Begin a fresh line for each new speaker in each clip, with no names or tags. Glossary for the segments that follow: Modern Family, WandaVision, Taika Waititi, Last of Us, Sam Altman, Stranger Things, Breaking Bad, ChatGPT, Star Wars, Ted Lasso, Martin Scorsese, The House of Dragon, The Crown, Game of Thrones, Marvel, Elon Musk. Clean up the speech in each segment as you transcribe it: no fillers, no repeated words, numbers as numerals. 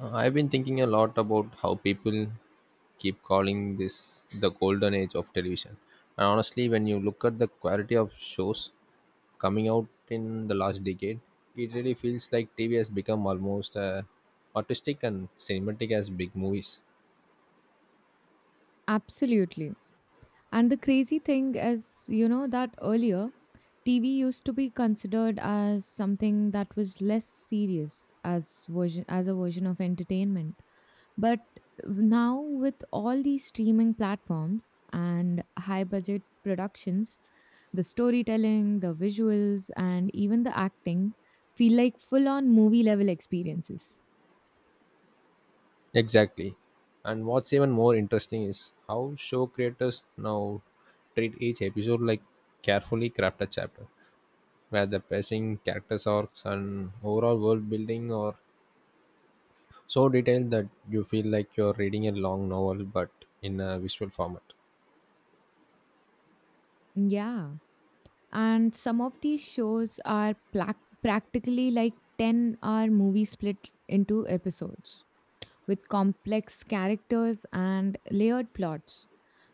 I've been thinking a lot about how people keep calling this the golden age of television. And honestly, when you look at the quality of shows coming out in the last decade, it really feels like TV has become almost artistic and cinematic as big movies.
Absolutely. And the crazy thing is, you know, that earlier TV used to be considered as something that was less serious as version as a version of entertainment. But now with all these streaming platforms and high budget productions, the storytelling, the visuals and even the acting feel like full on movie level experiences.
Exactly. And what's even more interesting is how show creators now treat each episode like carefully crafted chapter, where the pacing, characters arcs, and overall world building are so detailed that you feel like you're reading a long novel but in a visual format.
Yeah, and some of these shows are practically like 10-hour movie split into episodes with complex characters and layered plots,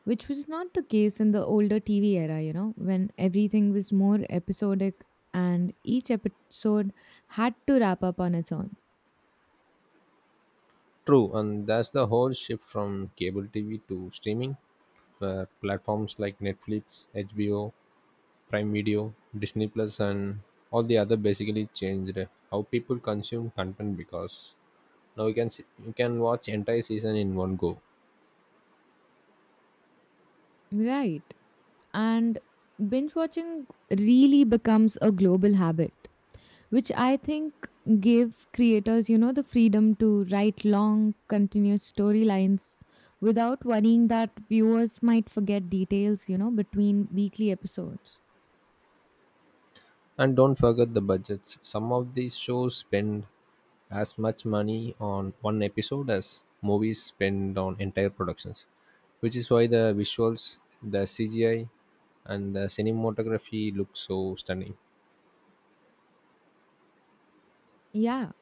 which was not the case in the older TV era, you know, when everything was more episodic and each episode had to wrap up on its own.
True, and that's the whole shift from cable TV to streaming, where platforms like Netflix, HBO, Prime Video, Disney Plus, and all the other basically changed how people consume content because now you can see, you can watch entire season in one go.
Right, and binge watching really becomes a global habit, which I think gave creators, you know, the freedom to write long, continuous storylines without worrying that viewers might forget details, you know, between weekly episodes.
And don't forget the budgets. Some of these shows spend as much money on one episode as movies spend on entire productions, which is why the visuals, the CGI, and the cinematography look so stunning.
Yeah,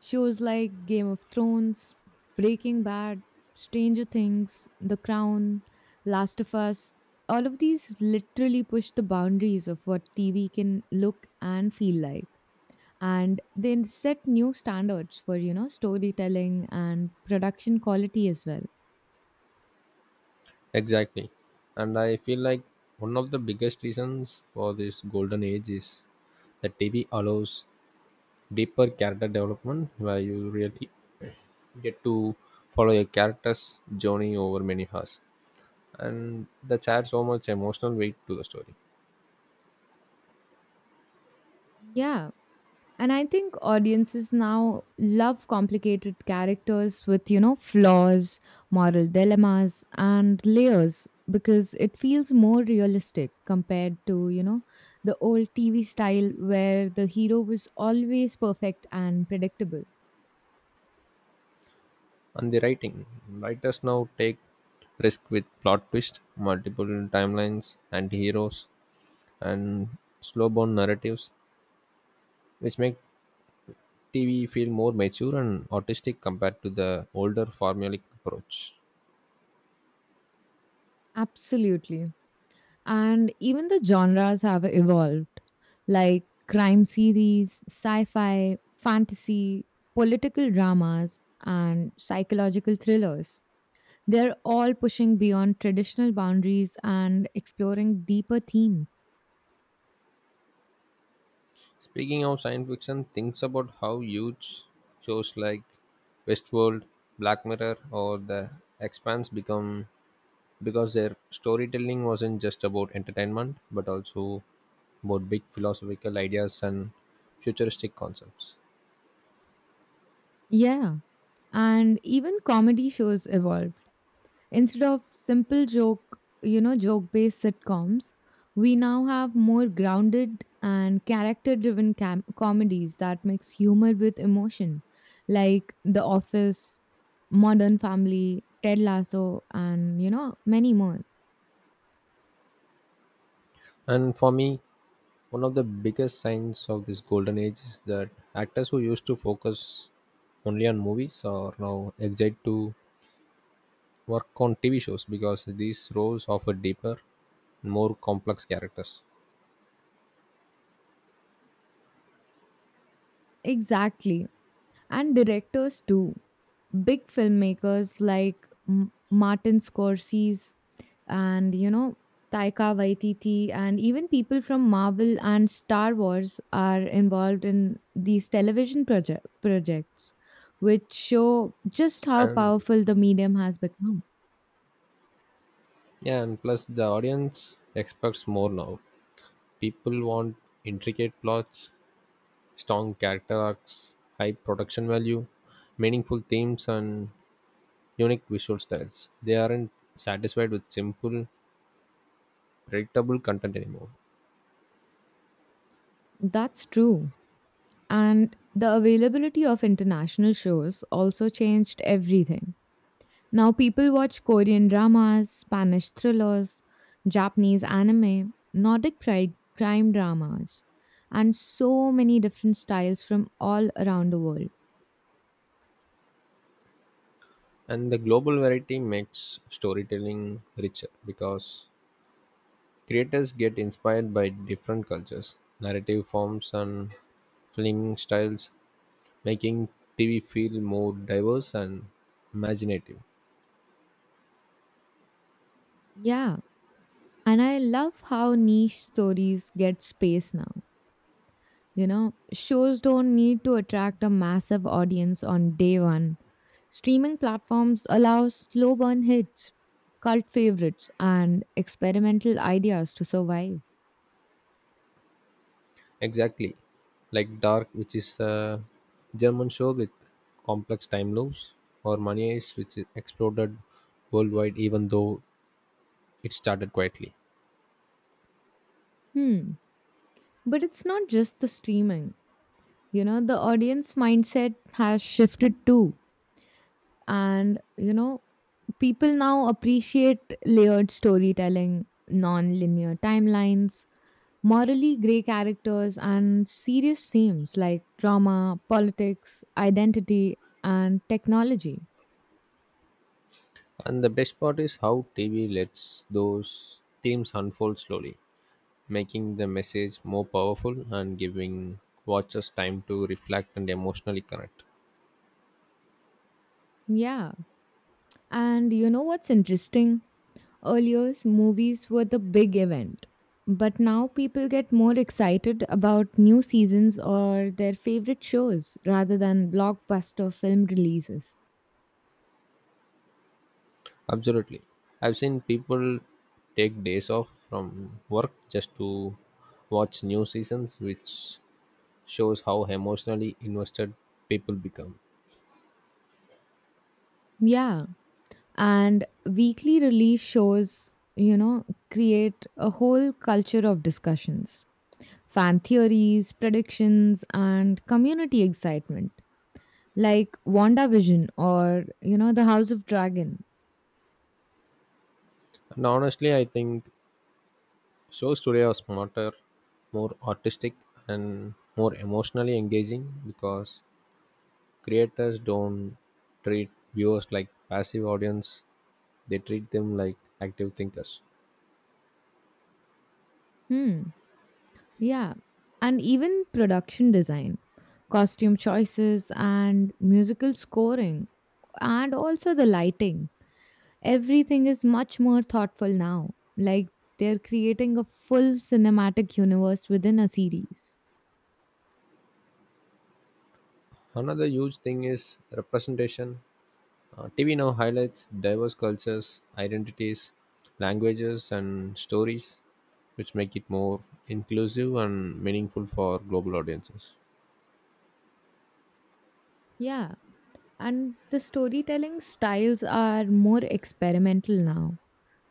shows like Game of Thrones, Breaking Bad, Stranger Things, The Crown, Last of Us, all of these literally push the boundaries of what TV can look and feel like. And they set new standards for, you know, storytelling and production quality as well.
Exactly. And I feel like one of the biggest reasons for this golden age is that TV allows deeper character development where you really get to follow your character's journey over many hours, and that adds so much emotional weight to the story.
Yeah, and I think audiences now love complicated characters with, you know, flaws, moral dilemmas and layers, because it feels more realistic compared to, you know, the old TV style where the hero was always perfect and predictable.
And writers now take risk with plot twists, multiple timelines, anti-heroes, and slow-burn narratives, which make TV feel more mature and artistic compared to the older formulaic approach.
Absolutely. And even the genres have evolved, like crime series, sci fi, fantasy, political dramas, and psychological thrillers. They're all pushing beyond traditional boundaries and exploring deeper themes.
Speaking of science fiction, think about how huge shows like Westworld, Black Mirror, or The Expanse become because their storytelling wasn't just about entertainment but also about big philosophical ideas and futuristic concepts.
Yeah, and even comedy shows evolved. Instead of simple joke based sitcoms, we now have more grounded and character driven comedies that mix humor with emotion, like The Office, Modern Family, Ted Lasso, and, you know, many more.
And for me, one of the biggest signs of this golden age is that actors who used to focus only on movies are now excited to work on TV shows because these roles offer deeper, more complex characters.
Exactly. And directors too. Big filmmakers like Martin Scorsese and, you know, Taika Waititi, and even people from Marvel and Star Wars are involved in these television projects, which show just how
And,
powerful the medium has become.
yeah, and plus the audience expects more now. People want intricate plots, strong character arcs, high production value, meaningful themes, and unique visual styles. They aren't satisfied with simple, predictable content anymore.
That's true. And the availability of international shows also changed everything. Now people watch Korean dramas, Spanish thrillers, Japanese anime, Nordic crime dramas, and so many different styles from all around the world.
And the global variety makes storytelling richer because creators get inspired by different cultures, narrative forms, and filming styles, making TV feel more diverse and imaginative.
Yeah, and I love how niche stories get space now. You know, shows don't need to attract a massive audience on day one. Streaming platforms allow slow burn hits, cult favorites, and experimental ideas to survive.
Exactly. Like Dark, which is a German show with complex time loops, or Money Heist, which is exploded worldwide even though it started quietly,
Hmm. But it's not just the streaming. You know, the audience mindset has shifted too. And, you know, people now appreciate layered storytelling, non linear timelines, morally gray characters, and serious themes like trauma, politics, identity, and technology.
and the best part is how TV lets those themes unfold slowly, making the message more powerful and giving watchers time to reflect and emotionally connect.
Yeah. And you know what's interesting? Earlier, movies were the big event, but now people get more excited about new seasons or their favorite shows rather than blockbuster film releases.
Absolutely. I've seen people take days off from work just to watch new seasons, which shows how emotionally invested people become.
Yeah, and weekly release shows, you know, create a whole culture of discussions, fan theories, predictions, and community excitement, like WandaVision or, you know, The House of Dragon.
And honestly, I think shows today are smarter, more artistic, and more emotionally engaging because creators don't treat viewers like passive audience, they treat them like active thinkers.
Hmm. Yeah, and even production design, costume choices, and musical scoring, and also the lighting. Everything is much more thoughtful now. Like, they're creating a full cinematic universe within a series.
Another huge thing is representation. TV now highlights diverse cultures, identities, languages, and stories, which make it more inclusive and meaningful for global audiences.
Yeah, and the storytelling styles are more experimental now.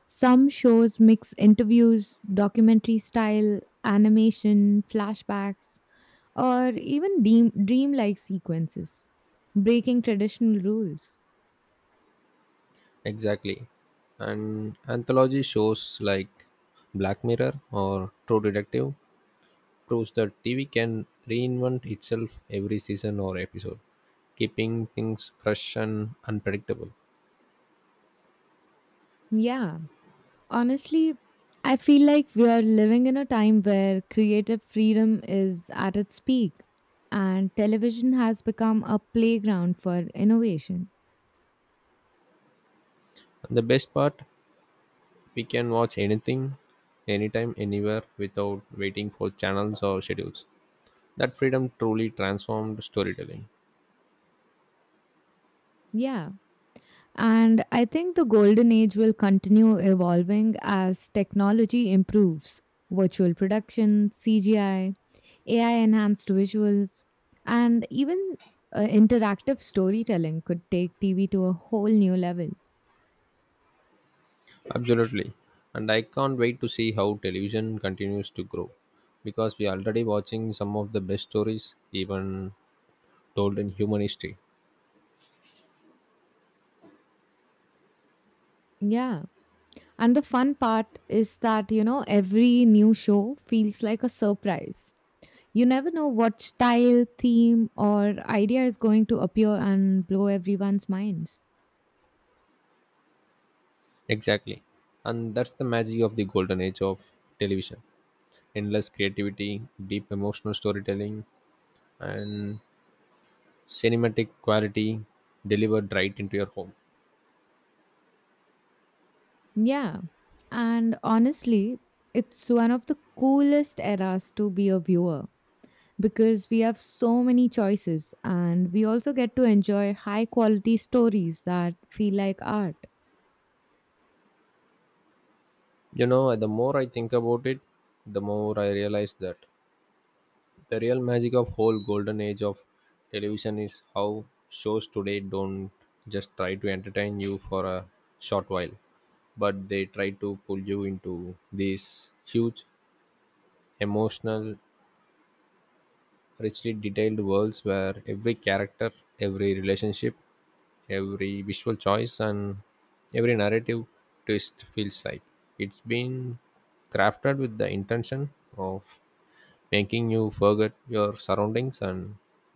Some shows mix interviews, documentary style, animation, flashbacks, or even dreamlike sequences, breaking traditional rules.
Exactly. And anthology shows like Black Mirror or True Detective proves that TV can reinvent itself every season or episode, keeping things fresh and unpredictable.
Yeah, honestly, I feel like we are living in a time where creative freedom is at its peak and television has become a playground for innovation.
And the best part, we can watch anything, anytime, anywhere without waiting for channels or schedules. That freedom truly transformed storytelling.
Yeah. And I think the golden age will continue evolving as technology improves. Virtual production, CGI, AI enhanced visuals, and even interactive storytelling could take TV to a whole new level.
Absolutely. And I can't wait to see how television continues to grow because we are already watching some of the best stories even told in human history.
Yeah. And the fun part is that, you know, every new show feels like a surprise. You never know what style, theme, or idea is going to appear and blow everyone's minds.
Exactly. And that's the magic of the golden age of television. Endless creativity, deep emotional storytelling, and cinematic quality delivered right into your home.
Yeah. And honestly, it's one of the coolest eras to be a viewer, because we have so many choices and we also get to enjoy high quality stories that feel like art.
You know, the more I think about it, the more I realize that the real magic of whole golden age of television is how shows today don't just try to entertain you for a short while, but they try to pull you into these huge, emotional, richly detailed worlds where every character, every relationship, every visual choice, and every narrative twist feels like it's been crafted with the intention of making you forget your surroundings and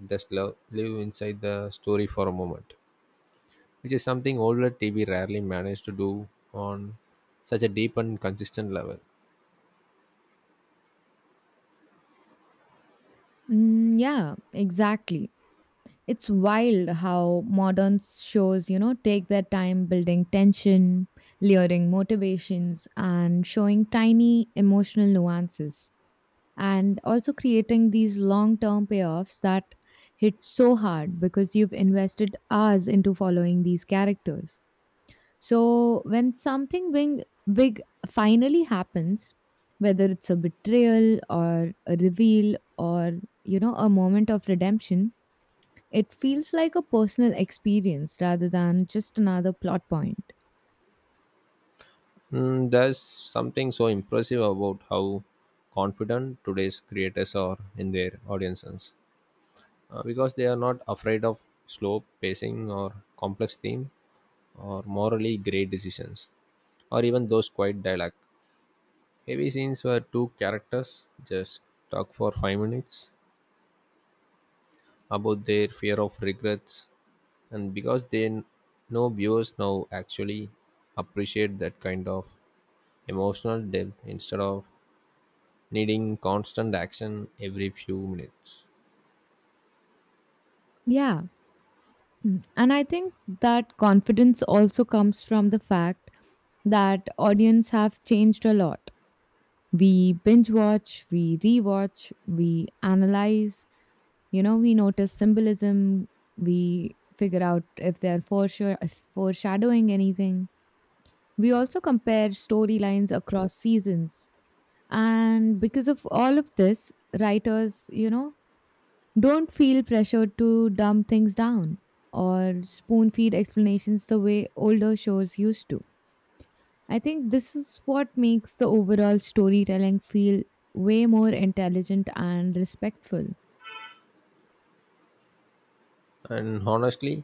just live inside the story for a moment, which is something older TV rarely managed to do on such a deep and consistent level.
Yeah, exactly. It's wild how modern shows, you know, take their time building tension, layering motivations, and showing tiny emotional nuances, and also creating these long term payoffs that hit so hard because you've invested hours into following these characters. So when something big finally happens, whether it's a betrayal or a reveal or, you know, a moment of redemption, it feels like a personal experience rather than just another plot point.
Mm, there's something so impressive about how confident today's creators are in their audiences because they are not afraid of slow pacing or complex theme or morally grey decisions or even those quiet dialogue heavy scenes where two characters just talk for 5 minutes about their fear of regrets, and because they know viewers now actually appreciate that kind of emotional depth instead of needing constant action every few minutes.
Yeah. Mm. And I think that confidence also comes from the fact that audience have changed a lot. We binge watch, we rewatch, we analyze, you know, we notice symbolism, we figure out if they're foreshadowing anything. We also compare storylines across seasons. And because of all of this, writers, you know, don't feel pressured to dumb things down or spoon feed explanations the way older shows used to. I think this is what makes the overall storytelling feel way more intelligent and respectful.
And honestly,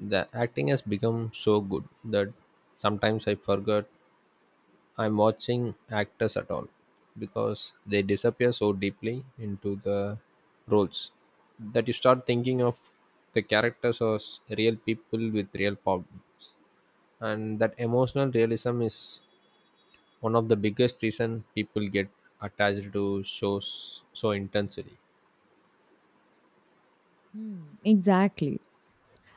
the acting has become so good that sometimes I forgot I'm watching actors at all because they disappear so deeply into the roles that you start thinking of the characters as real people with real problems. And that emotional realism is one of the biggest reason people get attached to shows so intensely.
Hmm. Exactly.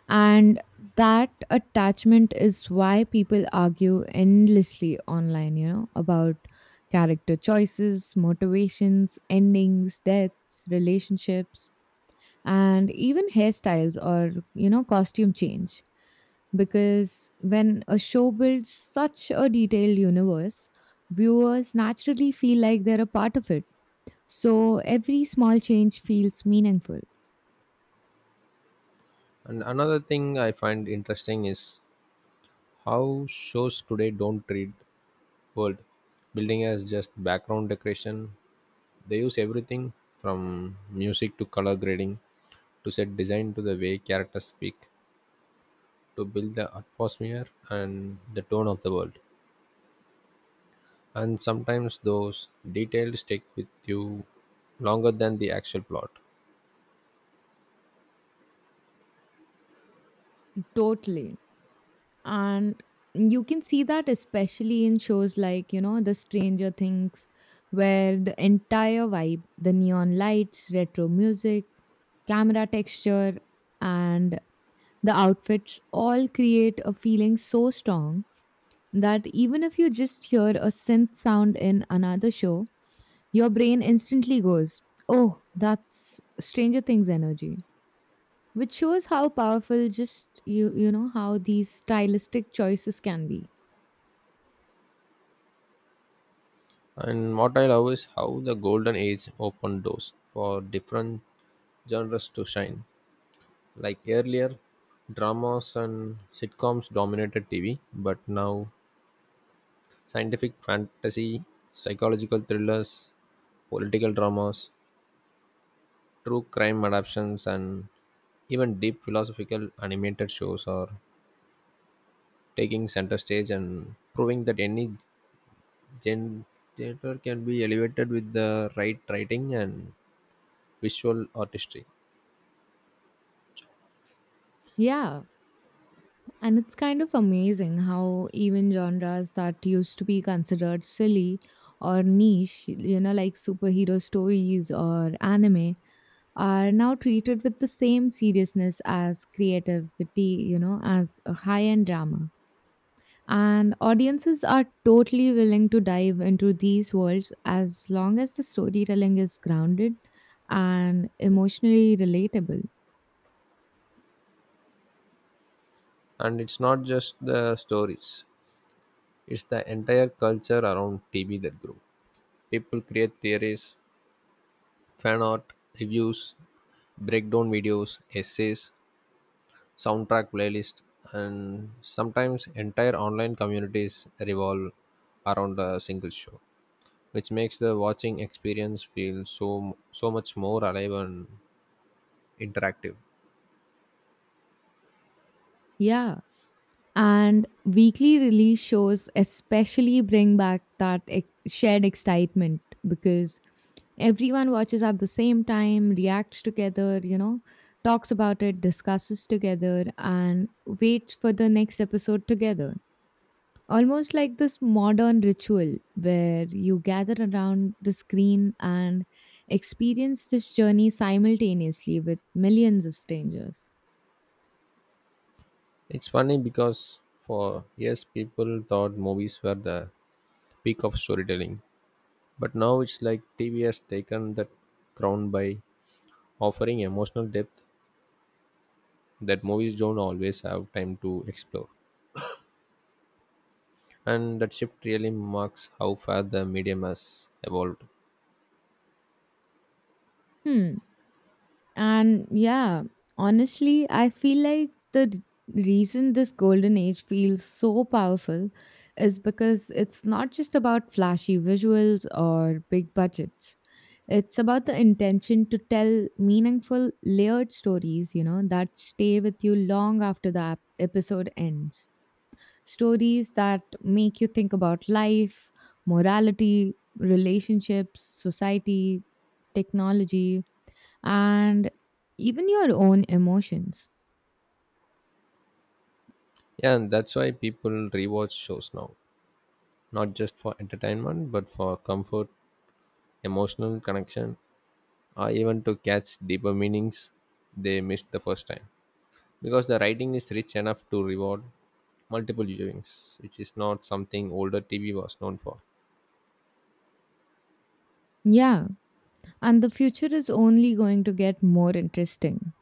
And that attachment is why people argue endlessly online, you know, about character choices, motivations, endings, deaths, relationships, and even hairstyles or, you know, costume change. Because when a show builds such a detailed universe, viewers naturally feel like they're a part of it. So every small change feels meaningful.
And another thing I find interesting is how shows today don't treat world building as just background decoration. They use everything from music to color grading to set design to the way characters speak to build the atmosphere and the tone of the world. And sometimes those details stick with you longer than the actual plot.
Totally. And you can see that especially in shows like, you know, the Stranger Things, where the entire vibe, the neon lights, retro music, camera texture, and the outfits all create a feeling so strong that even if you just hear a synth sound in another show, your brain instantly goes, oh, that's Stranger Things energy, which shows how powerful just you know how these stylistic choices can be.
And what I love is how the golden age opened doors for different genres to shine. Like earlier, dramas and sitcoms dominated TV, but now scientific fantasy, psychological thrillers, political dramas, true crime adaptations, and even deep philosophical animated shows are taking center stage and proving that any gen- genre can be elevated with the right writing and visual artistry.
Yeah, and it's kind of amazing how even genres that used to be considered silly or niche, you know, like superhero stories or anime, are now treated with the same seriousness as creativity, you know, as a high end drama. And audiences are totally willing to dive into these worlds as long as the storytelling is grounded and emotionally relatable.
And it's not just the stories, it's the entire culture around TV that grew. People create theories, fan art, reviews, breakdown videos, essays, soundtrack playlist and sometimes entire online communities revolve around a single show, which makes the watching experience feel so much more alive and interactive.
Yeah, and weekly release shows especially bring back that shared excitement, because everyone watches at the same time, reacts together, you know, talks about it, discusses together, and waits for the next episode together. Almost like this modern ritual where you gather around the screen and experience this journey simultaneously with millions of strangers.
It's funny because for years people thought movies were the peak of storytelling, but now it's like TV has taken that crown by offering emotional depth that movies don't always have time to explore, and that shift really marks how far the medium has evolved.
Hmm. And yeah, honestly, I feel like the reason this golden age feels so powerful is because it's not just about flashy visuals or big budgets. It's about the intention to tell meaningful, layered stories, you know, that stay with you long after the episode ends. Stories that make you think about life, morality, relationships, society, technology, and even your own emotions.
Yeah, and that's why people rewatch shows now, not just for entertainment but for comfort, emotional connection, or even to catch deeper meanings they missed the first time because the writing is rich enough to reward multiple viewings, which is not something older TV was known for.
Yeah, and the future is only going to get more interesting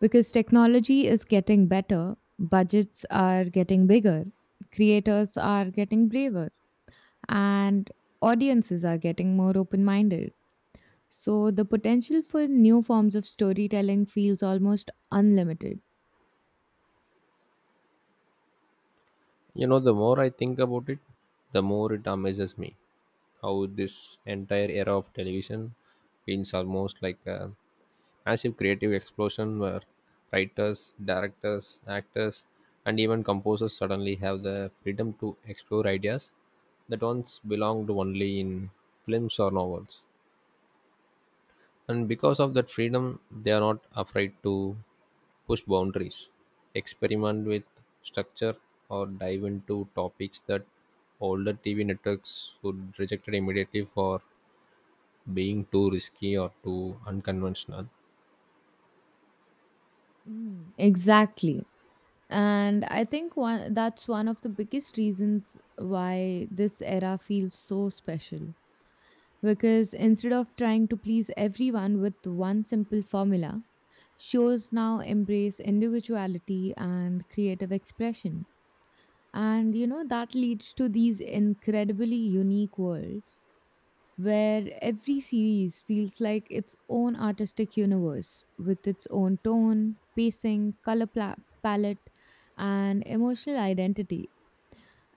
because technology is getting better, budgets are getting bigger, creators are getting braver and audiences are getting more open minded. So the potential for new forms of storytelling feels almost unlimited.
You know, the more I think about it, the more it amazes me how this entire era of television feels almost like a massive creative explosion where writers, directors, actors, and even composers suddenly have the freedom to explore ideas that once belonged only in films or novels. And because of that freedom, they are not afraid to push boundaries, experiment with structure, or dive into topics that older TV networks would reject immediately for being too risky or too unconventional.
Mm. Exactly. And I think that's one of the biggest reasons why this era feels so special. Because instead of trying to please everyone with one simple formula, shows now embrace individuality and creative expression. And you know, that leads to these incredibly unique worlds where every series feels like its own artistic universe, with its own tone, pacing, color palette, and emotional identity.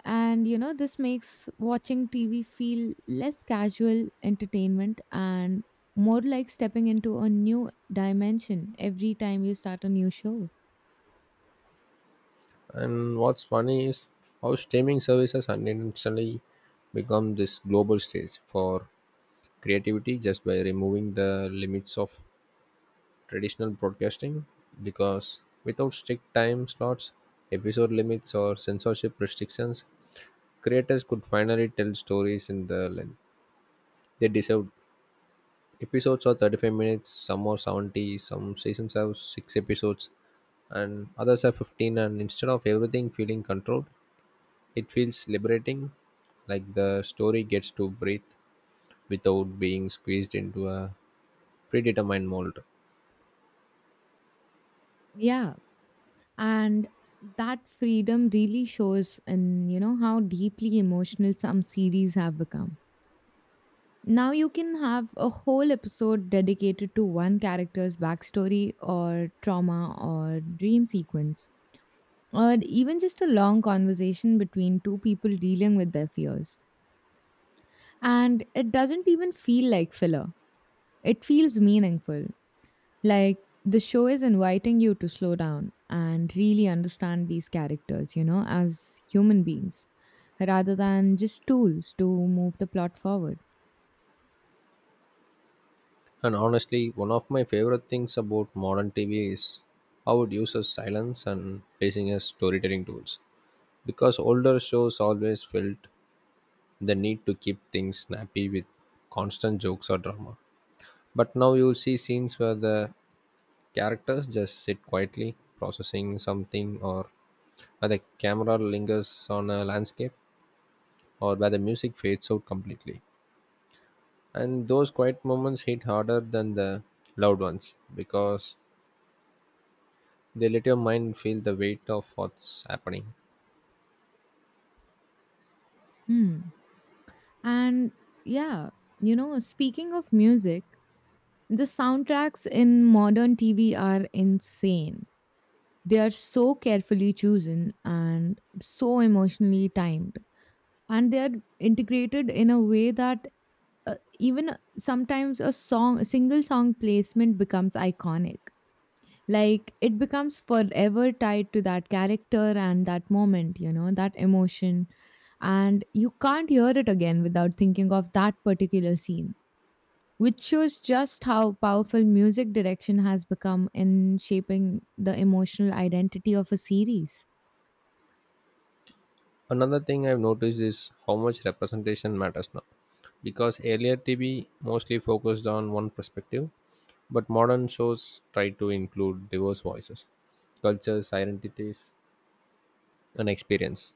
And you know, this makes watching TV feel less casual entertainment and more like stepping into a new dimension every time you start a new show.
And what's funny is how streaming services unintentionally become this global stage for creativity just by removing the limits of traditional broadcasting because without strict time slots, episode limits or censorship restrictions, creators could finally tell stories in the length they deserve. Episodes are 35 minutes, some are 70, some seasons have 6 episodes and others have 15, and instead of everything feeling controlled it feels liberating, like the story gets to breathe without being squeezed into a predetermined mold.
Yeah. And that freedom really shows in, you know, how deeply emotional some series have become. Now you can have a whole episode dedicated to one character's backstory or trauma or dream sequence, or even just a long conversation between two people dealing with their fears. And it doesn't even feel like filler, it feels meaningful. Like, the show is inviting you to slow down and really understand these characters, you know, as human beings, rather than just tools to move the plot forward.
And honestly, one of my favorite things about modern TV is how it uses silence and pacing as storytelling tools. Because older shows always felt the need to keep things snappy with constant jokes or drama. But now you'll see scenes where the characters just sit quietly, processing something, or where the camera lingers on a landscape or where the music fades out completely. And those quiet moments hit harder than the loud ones because they let your mind feel the weight of what's happening.
Hmm. And yeah, you know, speaking of music, the soundtracks in modern TV are insane. They are so carefully chosen and so emotionally timed. And they are integrated in a way that even sometimes a single song placement becomes iconic. Like, it becomes forever tied to that character and that moment, you know, that emotion. And you can't hear it again without thinking of that particular scene, which shows just how powerful music direction has become in shaping the emotional identity of a series.
Another thing I've noticed is how much representation matters now. Because earlier TV mostly focused on one perspective, but modern shows try to include diverse voices, cultures, identities, and experience.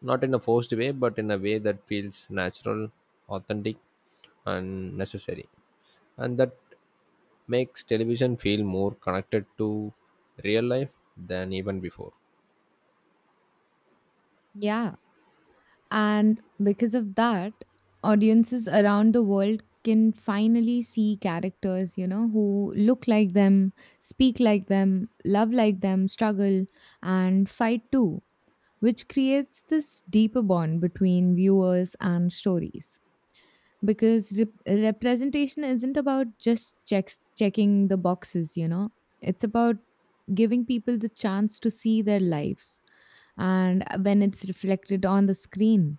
Not in a forced way, but in a way that feels natural, authentic, and necessary. And that makes television feel more connected to real life than even before.
Yeah, and because of that, audiences around the world can finally see characters, you know, who look like them, speak like them, love like them, struggle, and fight too, which creates this deeper bond between viewers and stories. Because representation isn't about just checking the boxes, you know, it's about giving people the chance to see their lives and when it's reflected on the screen,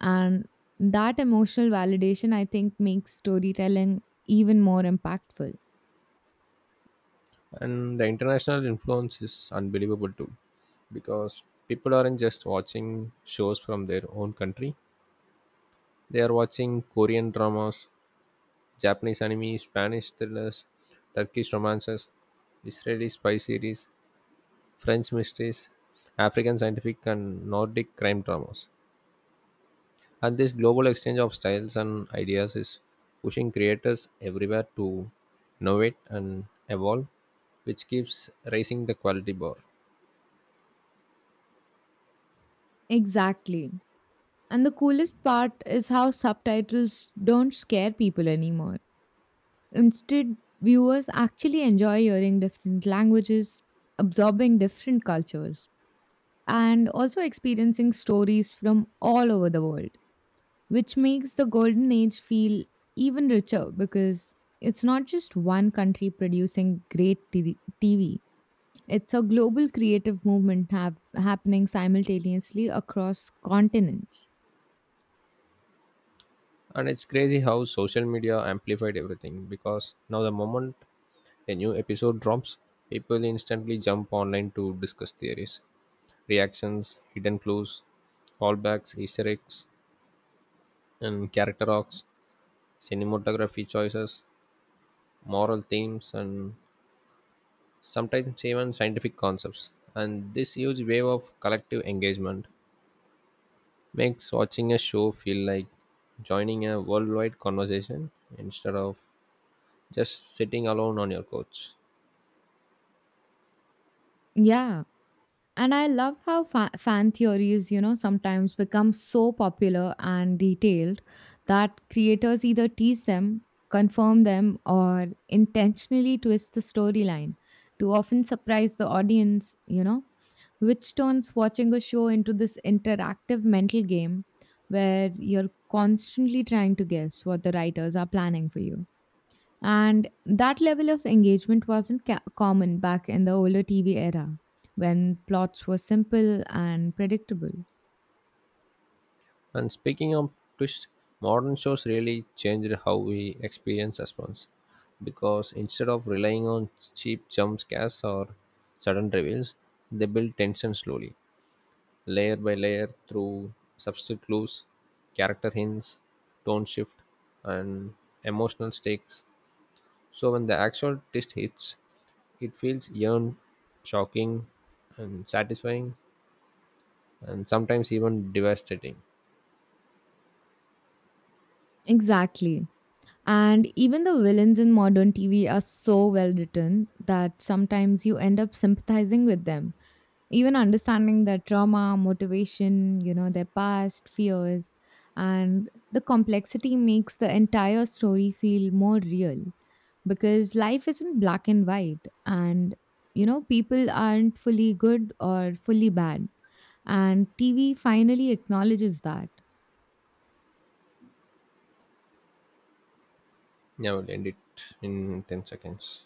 and that emotional validation, I think, makes storytelling even more impactful.
And the international influence is unbelievable too because people aren't just watching shows from their own country, they are watching Korean dramas, Japanese anime, Spanish thrillers, Turkish romances, Israeli spy series, French mysteries, African scientific and Nordic crime dramas. And this global exchange of styles and ideas is pushing creators everywhere to innovate and evolve, which keeps raising the quality bar.
Exactly. And the coolest part is how subtitles don't scare people anymore. Instead, viewers actually enjoy hearing different languages, absorbing different cultures, and also experiencing stories from all over the world, which makes the Golden Age feel even richer because it's not just one country producing great TV. It's a global creative movement happening simultaneously across continents.
And it's crazy how social media amplified everything because now the moment a new episode drops, people instantly jump online to discuss theories, reactions, hidden clues, callbacks, Easter eggs, and character arcs, cinematography choices, moral themes, and sometimes even scientific concepts. And this huge wave of collective engagement makes watching a show feel like joining a worldwide conversation instead of just sitting alone on your couch.
Yeah. And I love how fan theories, you know, sometimes become so popular and detailed that creators either tease them, confirm them, or intentionally twist the storyline to often surprise the audience, you know, which turns watching a show into this interactive mental game where you're constantly trying to guess what the writers are planning for you. And that level of engagement wasn't common back in the older TV era when plots were simple and predictable.
And speaking of twist, modern shows really changed how we experience suspense because instead of relying on cheap jump scares or sudden reveals, they build tension slowly layer by layer through substitute clues, character hints, tone shift, and emotional stakes. So when the actual twist hits, it feels yearned, shocking, and satisfying, and sometimes even devastating.
Exactly. And even the villains in modern TV are so well written that sometimes you end up sympathizing with them. Even understanding their trauma, motivation, you know, their past, fears, and the complexity makes the entire story feel more real, because life isn't black and white and, you know, people aren't fully good or fully bad, and TV finally acknowledges that.
Yeah, we'll end it in 10 seconds.